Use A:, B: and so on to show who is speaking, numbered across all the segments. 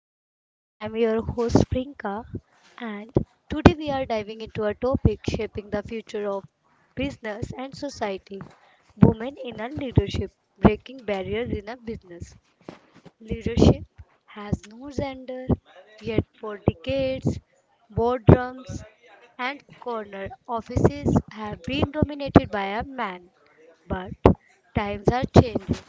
A: Fortune. I am your host Prinka and today we are diving into a topic shaping the future of business and society. Women in a leadership, breaking barriers in a business. Leadership has no gender, yet for decades, boardrooms and corner offices have been dominated by a man. But times are changing.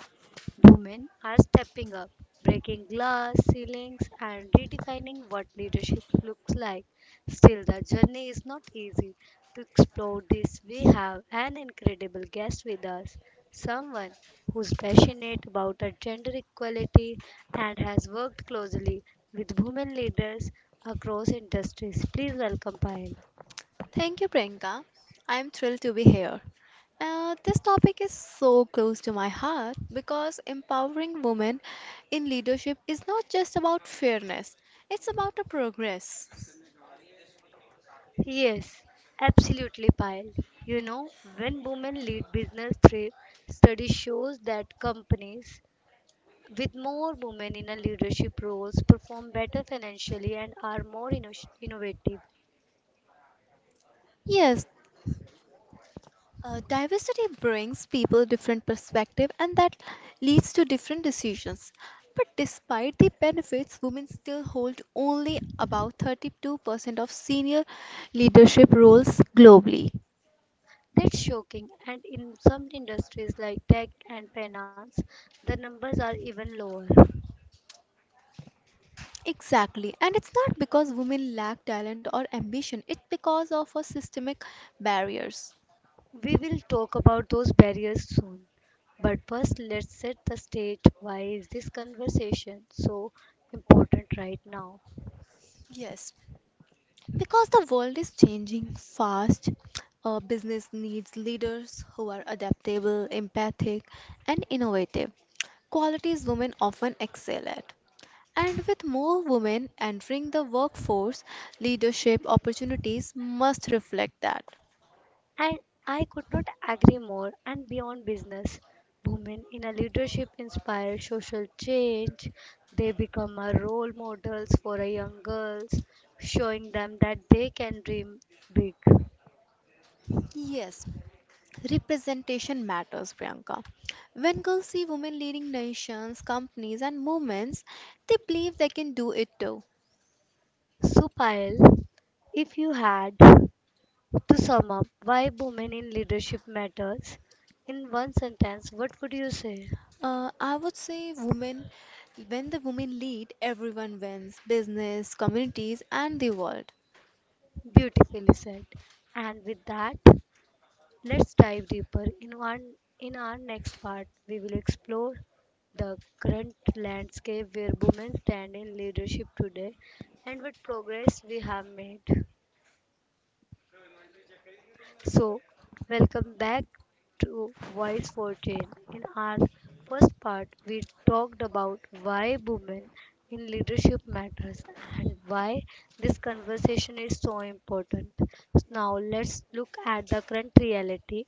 A: Women are stepping up, breaking glass ceilings, and redefining what leadership looks like. Still, the journey is not easy. To explore this, we have an incredible guest with us someone who's passionate about gender equality and has worked closely with women leaders across industries. Please welcome Payal.
B: Thank you, Priyanka. I'm thrilled to be here. This topic is so close to my heart because empowering women in leadership is not just about fairness, it's about a progress.
A: Yes, absolutely, Payal. You know, when women lead business thrive, study shows that companies with more women in a leadership roles perform better financially and are more innovative.
B: Yes, diversity brings people different perspective and that leads to different decisions. But despite the benefits, women still hold only about 32% of senior leadership roles globally.
A: That's shocking. And in some industries like tech and finance, the numbers are even lower.
B: Exactly. And it's not because women lack talent or ambition, it's because of a systemic barriers.
A: We will talk about those barriers soon. But first, let's set the stage. Why is this conversation so important right now?
B: Yes, because the world is changing fast, business needs leaders who are adaptable, empathic, and innovative. Qualities women often excel at. And with more women entering the workforce, leadership opportunities must reflect that.
A: And I could not agree more. And beyond business, women in a leadership inspire social change. They become a role models for a young girls, showing them that they can dream big.
B: Yes. Representation matters, Priyanka. When girls see women leading nations, companies, and movements, they believe they can do it too.
A: So, Payal, if you had to sum up why women in leadership matters in one sentence, what would you say?
B: I would say when the women lead, everyone wins business, communities, and the world.
A: Beautifully said. And with that, let's dive deeper. In our next part, we will explore the current landscape where women stand in leadership today and what progress we have made. So, welcome back to Voice 14. In our first part, we talked about why women in leadership matters and why this conversation is so important. Now, let's look at the current reality,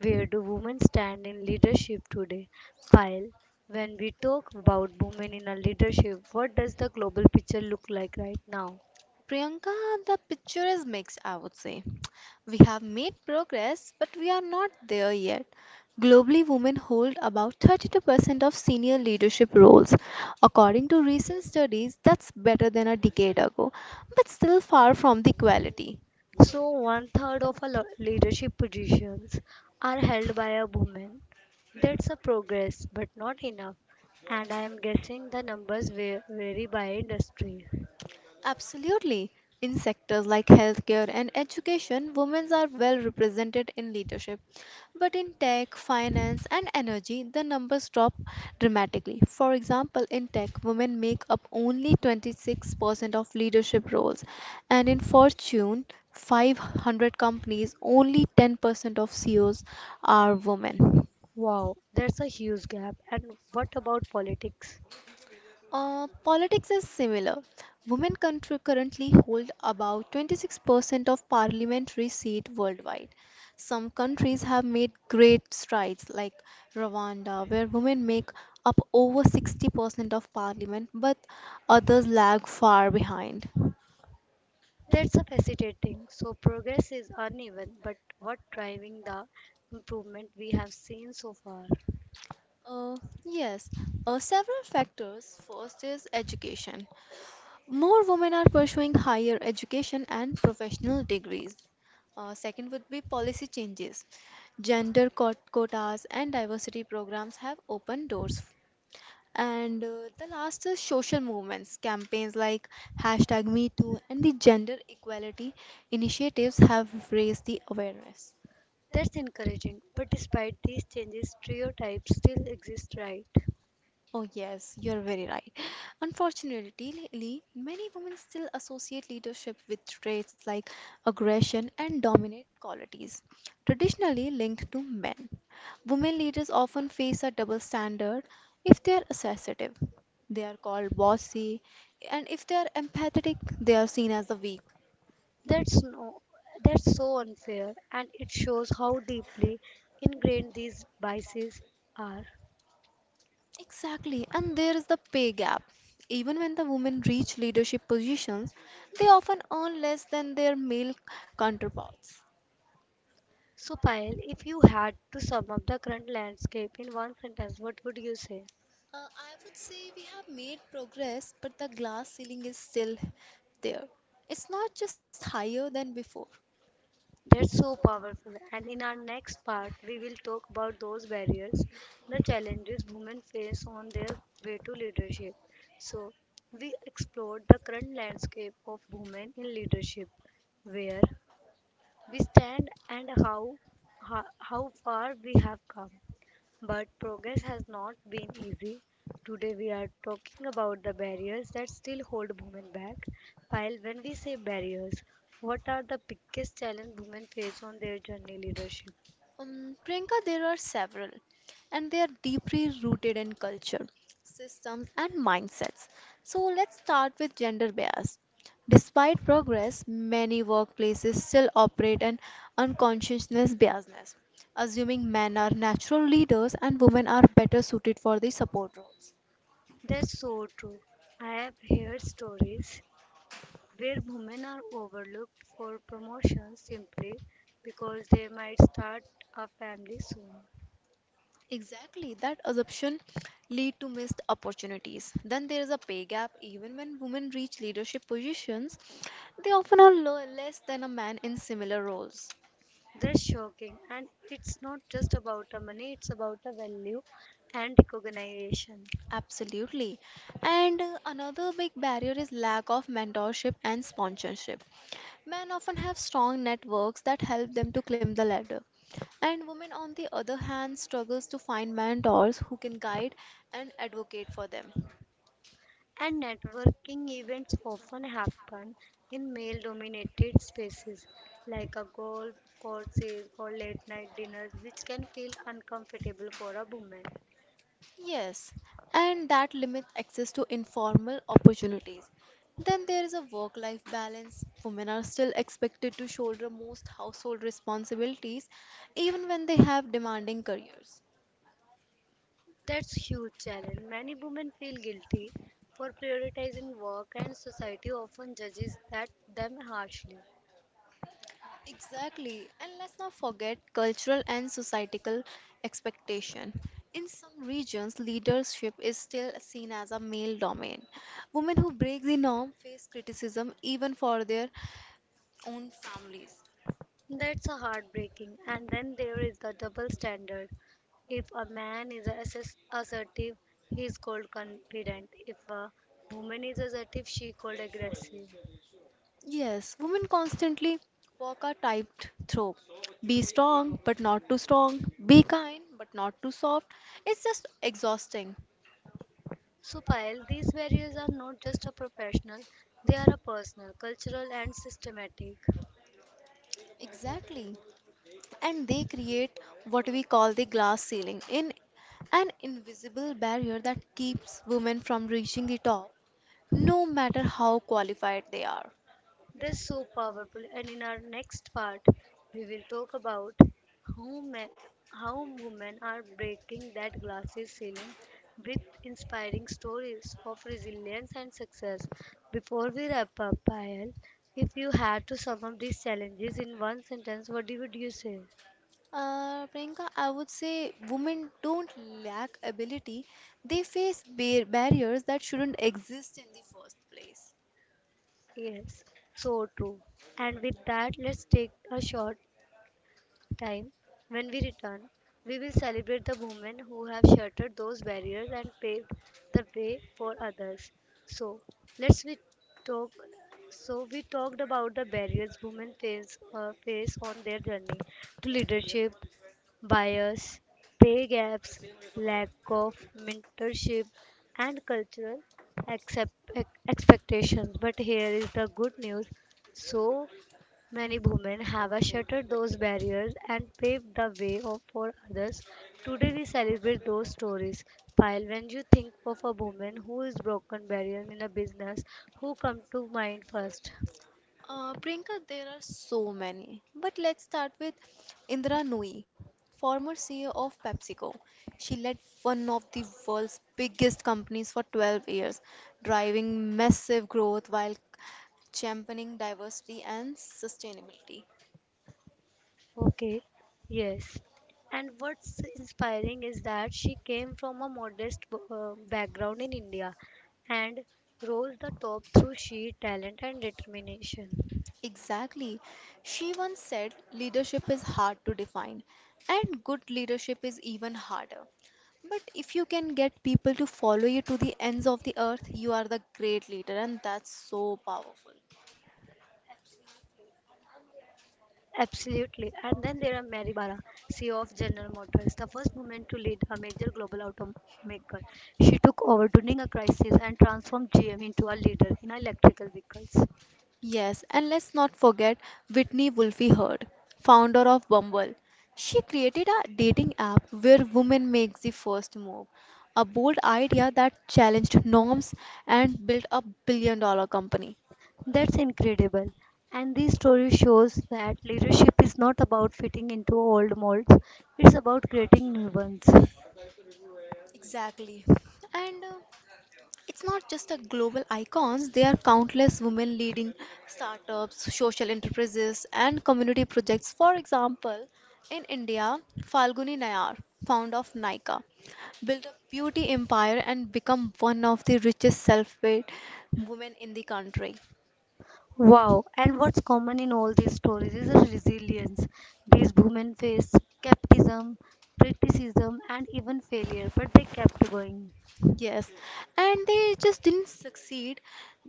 A: where do women stand in leadership today? Pyle, when we talk about women in a leadership, what does the global picture look like right now?
B: Priyanka, the picture is mixed, I would say. We have made progress, but we are not there yet. Globally, women hold about 32% of senior leadership roles. According to recent studies, that's better than a decade ago, but still far from the equality.
A: So, one third of our leadership positions are held by a woman. That's a progress, but not enough. And I am guessing the numbers vary by industry.
B: Absolutely. In sectors like healthcare and education, women are well represented in leadership. But in tech, finance, and energy, the numbers drop dramatically. For example, in tech, women make up only 26% of leadership roles, and in Fortune 500 companies, only 10% of CEOs are women.
A: Wow, that's a huge gap. And what about politics?
B: Politics is similar. Women currently hold about 26% of parliamentary seat worldwide. Some countries have made great strides, like Rwanda, where women make up over 60% of parliament, but others lag far behind.
A: That's a fascinating. So progress is uneven, but what driving the improvement we have seen so far?
B: Uh, yes, Several factors. First is education. More women are pursuing higher education and professional degrees. Second would be policy changes. Gender quotas and diversity programs have opened doors. And the last is social movements. Campaigns like hashtag MeToo and the gender equality initiatives have raised the awareness.
A: That's encouraging. But despite these changes, stereotypes still exist, right?
B: Oh, yes, you're very right. Unfortunately, many women still associate leadership with traits like aggression and dominant qualities, traditionally linked to men. Women leaders often face a double standard if they are assertive. They are called bossy, and if they are empathetic, they are seen as the weak.
A: That's no, That's so unfair, and it shows how deeply ingrained these biases are.
B: Exactly, and there is the pay gap. Even when the women reach leadership positions, they often earn less than their male counterparts.
A: So, Payal, if you had to sum up the current landscape in one sentence, what would you say?
B: I would say we have made progress, but the glass ceiling is still there. It's not just higher than before.
A: That's so powerful. And in our next part, we will talk about those barriers, the challenges women face on their way to leadership. So, we explored the current landscape of women in leadership, where we stand and how far we have come. But progress has not been easy. Today we are talking about the barriers that still hold women back. While when we say barriers, what are the biggest challenge women face on their journey leadership?
B: Priyanka, there are several, and they are deeply rooted in culture, systems, and mindsets. So let's start with gender bias. Despite progress, many workplaces still operate an unconsciousness biasness, assuming men are natural leaders and women are better suited for the support roles.
A: That's so true. I have heard stories where women are overlooked for promotions simply because they might start a family soon.
B: Exactly, that assumption lead to missed opportunities. Then there is a pay gap. Even when women reach leadership positions, they often are less than a man in similar roles.
A: That's shocking, and it's not just about the money, it's about the value and recognition.
B: Absolutely. And another big barrier is lack of mentorship and sponsorship. Men often have strong networks that help them to climb the ladder. And women, on the other hand, struggles to find mentors who can guide and advocate for them.
A: And networking events often happen in male dominated spaces like a golf courses or late night dinners which can feel uncomfortable for a woman.
B: Yes, and that limits access to informal opportunities. Then there is a work life balance. Women are still expected to shoulder most household responsibilities even when they have demanding careers.
A: That's huge challenge, many women feel guilty for prioritizing work and society often judges that them harshly.
B: Exactly, and let's not forget cultural and societal expectation. In some regions, leadership is still seen as a male domain. Women who break the norm face criticism even for their own families.
A: That's a heartbreaking. And then there is the double standard. If a man is assertive, he is called confident. If a woman is assertive, she called aggressive.
B: Yes, women constantly walk a typed through. Be strong, but not too strong. Be kind, but not too soft. It's just exhausting.
A: So, Payal, these barriers are not just a professional; they are a personal, cultural, and systematic.
B: Exactly. And they create what we call the glass ceiling, in an invisible barrier that keeps women from reaching the top, no matter how qualified they are.
A: This so powerful, and in our next part, we will talk about how men, how women are breaking that glasses ceiling with inspiring stories of resilience and success. Before we wrap up, Payal, if you had to sum up these challenges in one sentence, what would you say?
B: Priyanka, I would say women don't lack ability. They face barriers that shouldn't exist in the first place.
A: Yes, so true. And with that, let's take a short time, when we return, we will celebrate the women who have shattered those barriers and paved the way for others. So, let's we talk. So we talked about the barriers women face on their journey to leadership, bias, pay gaps, lack of mentorship, and cultural expectations. But here is the good news, so many women have shattered those barriers and paved the way for others. Today, we celebrate those stories. Pile, when you think of a woman who is broken barriers in a business, who come to mind first?
B: Priyanka, there are so many, but let's start with Indira Nooyi, former CEO of PepsiCo. She led one of the world's biggest companies for 12 years, driving massive growth while championing diversity and sustainability.
A: Okay, yes. And what's inspiring is that she came from a modest background in India and rose the top through sheer talent and determination.
B: Exactly. She once said leadership is hard to define, and good leadership is even harder. But if you can get people to follow you to the ends of the earth, you are the great leader, and that's so powerful.
A: Absolutely. And then there are Mary Barra, CEO of General Motors, the first woman to lead a major global automaker. She took over during a crisis and transformed GM into a leader in electrical vehicles.
B: Yes, and let's not forget Whitney Wolfe Heard, founder of Bumble. She created a dating app where women make the first move, a bold idea that challenged norms and built a $1 billion company.
A: That's incredible. And this story shows that leadership is not about fitting into old molds, it's about creating new ones.
B: Exactly. And it's not just the global icons, there are countless women leading startups, social enterprises, and community projects. For example, in India, Falguni Nayar, founder of Nykaa, built a beauty empire and become one of the richest self-made women in the country.
A: Wow, and what's common in all these stories is resilience. These women faced skepticism, criticism, and even failure, but they kept going.
B: Yes. And they just didn't succeed.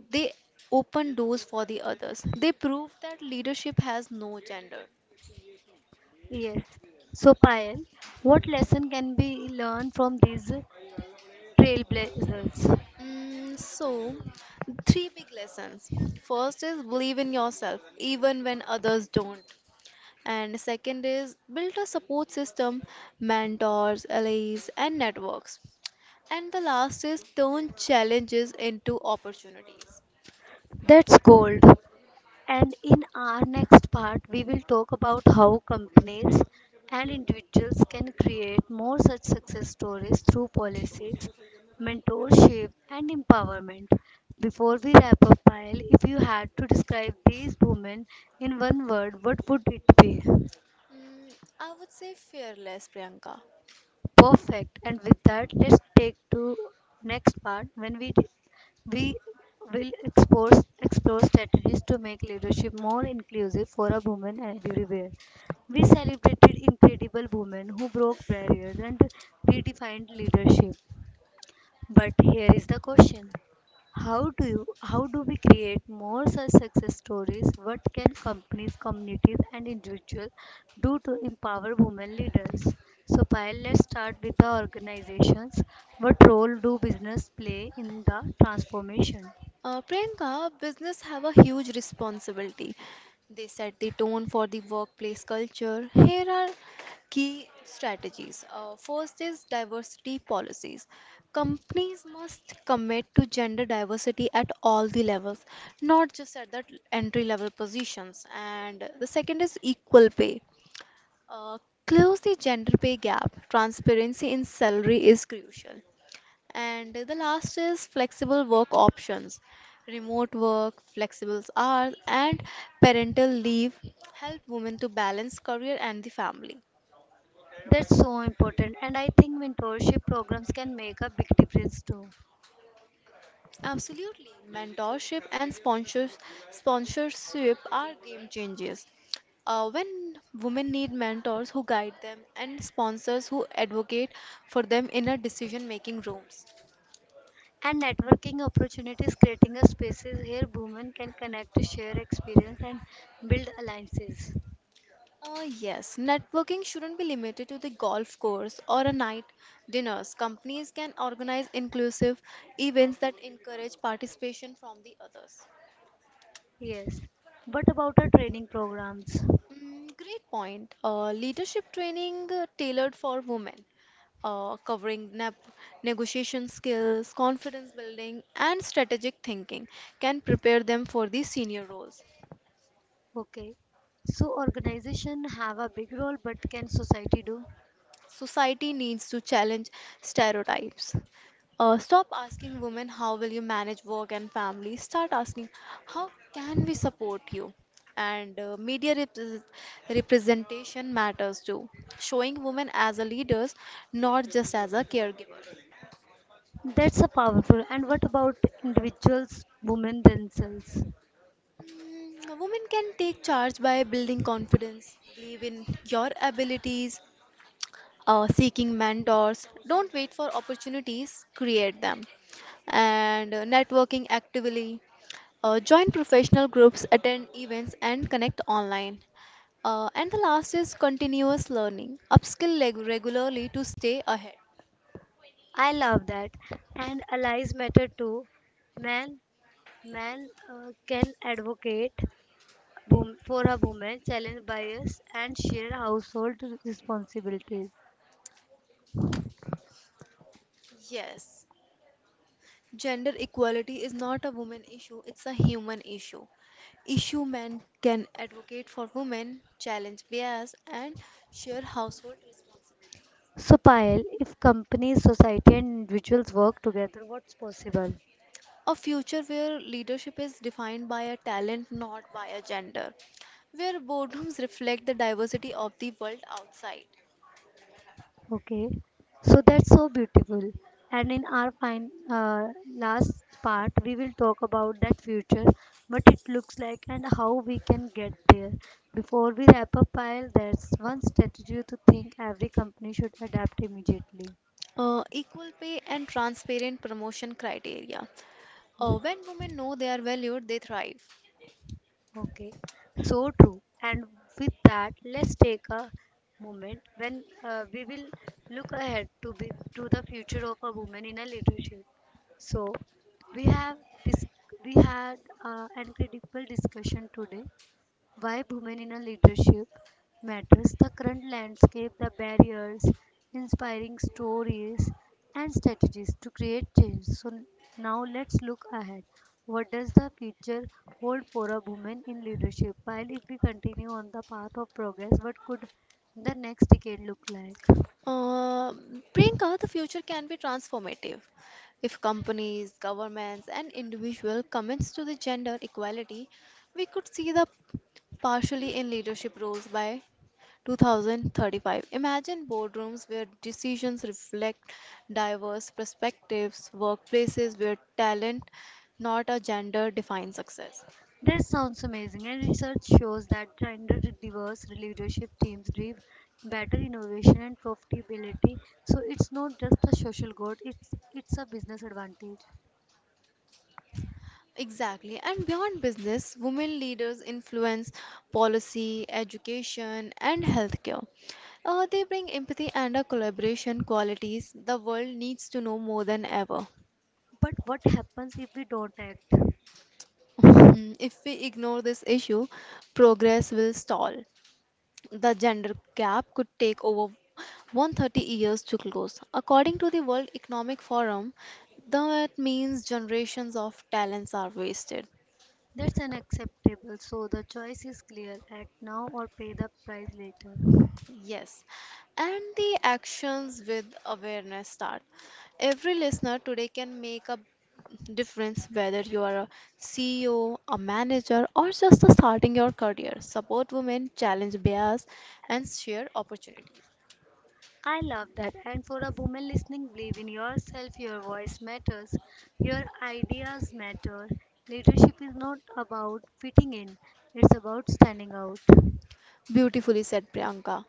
B: They opened doors for the others. They proved that leadership has no gender.
A: Yes. So, Payal, what lesson can be learned from these trailblazers?
B: So, three big lessons. First is believe in yourself, even when others don't. And second is build a support system, mentors, allies, and networks. And the last is turn challenges into opportunities.
A: That's gold. And in our next part, we will talk about how companies and individuals can create more such success stories through policies, mentorship, and empowerment. Before we wrap up, Payal, if you had to describe these women in one word, what would it be?
B: Mm, I would say fearless, Priyanka.
A: Perfect. And with that, let's take to next part when we will explore strategies to make leadership more inclusive for a woman everywhere. We celebrated incredible women who broke barriers and redefined leadership. But here is the question. How do we create more such success stories? What can companies, communities and individuals do to empower women leaders? So Payal, let's start with the organizations. What role do business play in the transformation?
B: Priyanka, business have a huge responsibility. They set the tone for the workplace culture. Here are key strategies. First is diversity policies. Companies must commit to gender diversity at all the levels, not just at the entry level positions. And the second is equal pay. Uh, Close the gender pay gap. Transparency in salary is crucial. And the last is flexible work options. Remote work, flexible hours, and parental leave help women to balance career and the family.
A: That's so important and I think mentorship programs can make a big difference too.
B: Absolutely. Mentorship and sponsorship are game changers. When women need mentors who guide them and sponsors who advocate for them in a decision making rooms.
A: And networking opportunities creating a spaces where women can connect, share experience and build alliances.
B: Yes, networking shouldn't be limited to the golf course or a night dinners. Companies can organize inclusive events that encourage participation from the others.
A: Yes, but about our training programs.
B: Mm, great point. Leadership training tailored for women, covering nap negotiation skills, confidence building, and strategic thinking, can prepare them for the senior roles.
A: Okay, so organization have a big role, but can society do?
B: Society needs to challenge stereotypes. Stop asking women how will you manage work and family. Start asking how can we support you. And media representation matters too. Showing women as a leaders, not just as a caregiver.
A: That's a powerful. And what about individuals, women themselves?
B: Women can take charge by building confidence, believe in your abilities, seeking mentors. Don't wait for opportunities, create them. And networking actively. Join professional groups, attend events, and connect online. And the last is continuous learning. Upskill regularly to stay ahead.
A: I love that. And allies matter too. Man, man can advocate for a woman, challenge bias, and share household responsibilities.
B: Yes, gender equality is not a woman issue, it's a human issue. Issue men can advocate for women, challenge bias, and share household.
A: So, Payal, if companies, society, and individuals work together, what's possible?
B: A future where leadership is defined by a talent, not by a gender. Where boardrooms reflect the diversity of the world outside.
A: Okay, so that's so beautiful. And in our fine last part, we will talk about that future, what it looks like, and how we can get there. Before we wrap up, pile that's one strategy to think every company should adapt immediately.
B: Equal pay and transparent promotion criteria. When women know they are valued, they thrive.
A: Okay, so true. And with that, let's take a moment when we will look ahead to the future of a woman in a leadership. So we have this we had an incredible discussion today why women in a leadership matters, the current landscape, the barriers, inspiring stories, and strategies to create change. So now let's look ahead. What does the future hold for a woman in leadership? While if we continue on the path of progress, what could the next decade look like?
B: Uh, Priyanka, the future can be transformative if companies, governments, and individuals commits to the gender equality. We could see the partially in leadership roles by 2035. Imagine boardrooms where decisions reflect diverse perspectives, workplaces where talent, not a gender, defines success.
A: This sounds amazing, and research shows that gender diverse leadership teams drive better innovation and profitability. So it's not just a social good, it's a business advantage.
B: Exactly. And beyond business, women leaders influence policy, education, and healthcare. They bring empathy and a collaboration qualities the world needs to know more than ever.
A: But what happens if we don't act?
B: Mhm. If we ignore this issue, progress will stall. The gender gap could take over 130 years to close. According to the World Economic Forum, that means generations of talents are wasted.
A: That's unacceptable. So the choice is clear. Act now or pay the price later.
B: Yes, and the actions with awareness start. Every listener today can make a difference whether you are a CEO, a manager, or just starting your career. Support women, challenge bias, and share opportunity.
A: I love that. And for a woman listening, believe in yourself. Your voice matters. Your ideas matter. Leadership is not about fitting in, it's about standing out.
B: Beautifully said, Priyanka.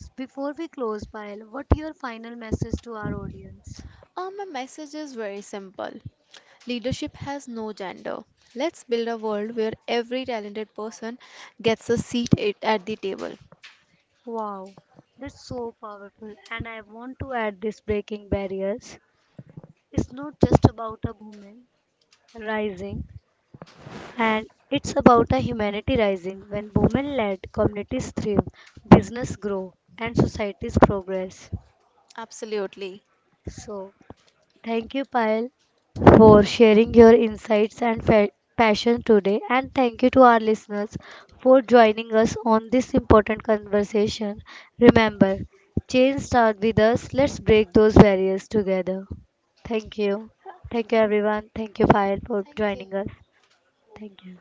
A: Before we close, Payal, what your final message to our audience?
B: My message is very simple. Leadership has no gender. Let's build a world where every talented person gets a seat at the table.
A: Wow, that's so powerful. And I want to add this breaking barriers. It's not just about a woman rising, and it's about a humanity rising when women led communities thrive, business grow, and societies progress.
B: Absolutely.
A: So, thank you, Payal, for sharing your insights and passion today, and thank you to our listeners for joining us on this important conversation. Remember, change starts with us. Let's break those barriers together. Thank you. Thank you,
B: Thank,
A: everyone. Thank you, Payal, for
B: thank
A: joining us.
B: you.
A: Thank you.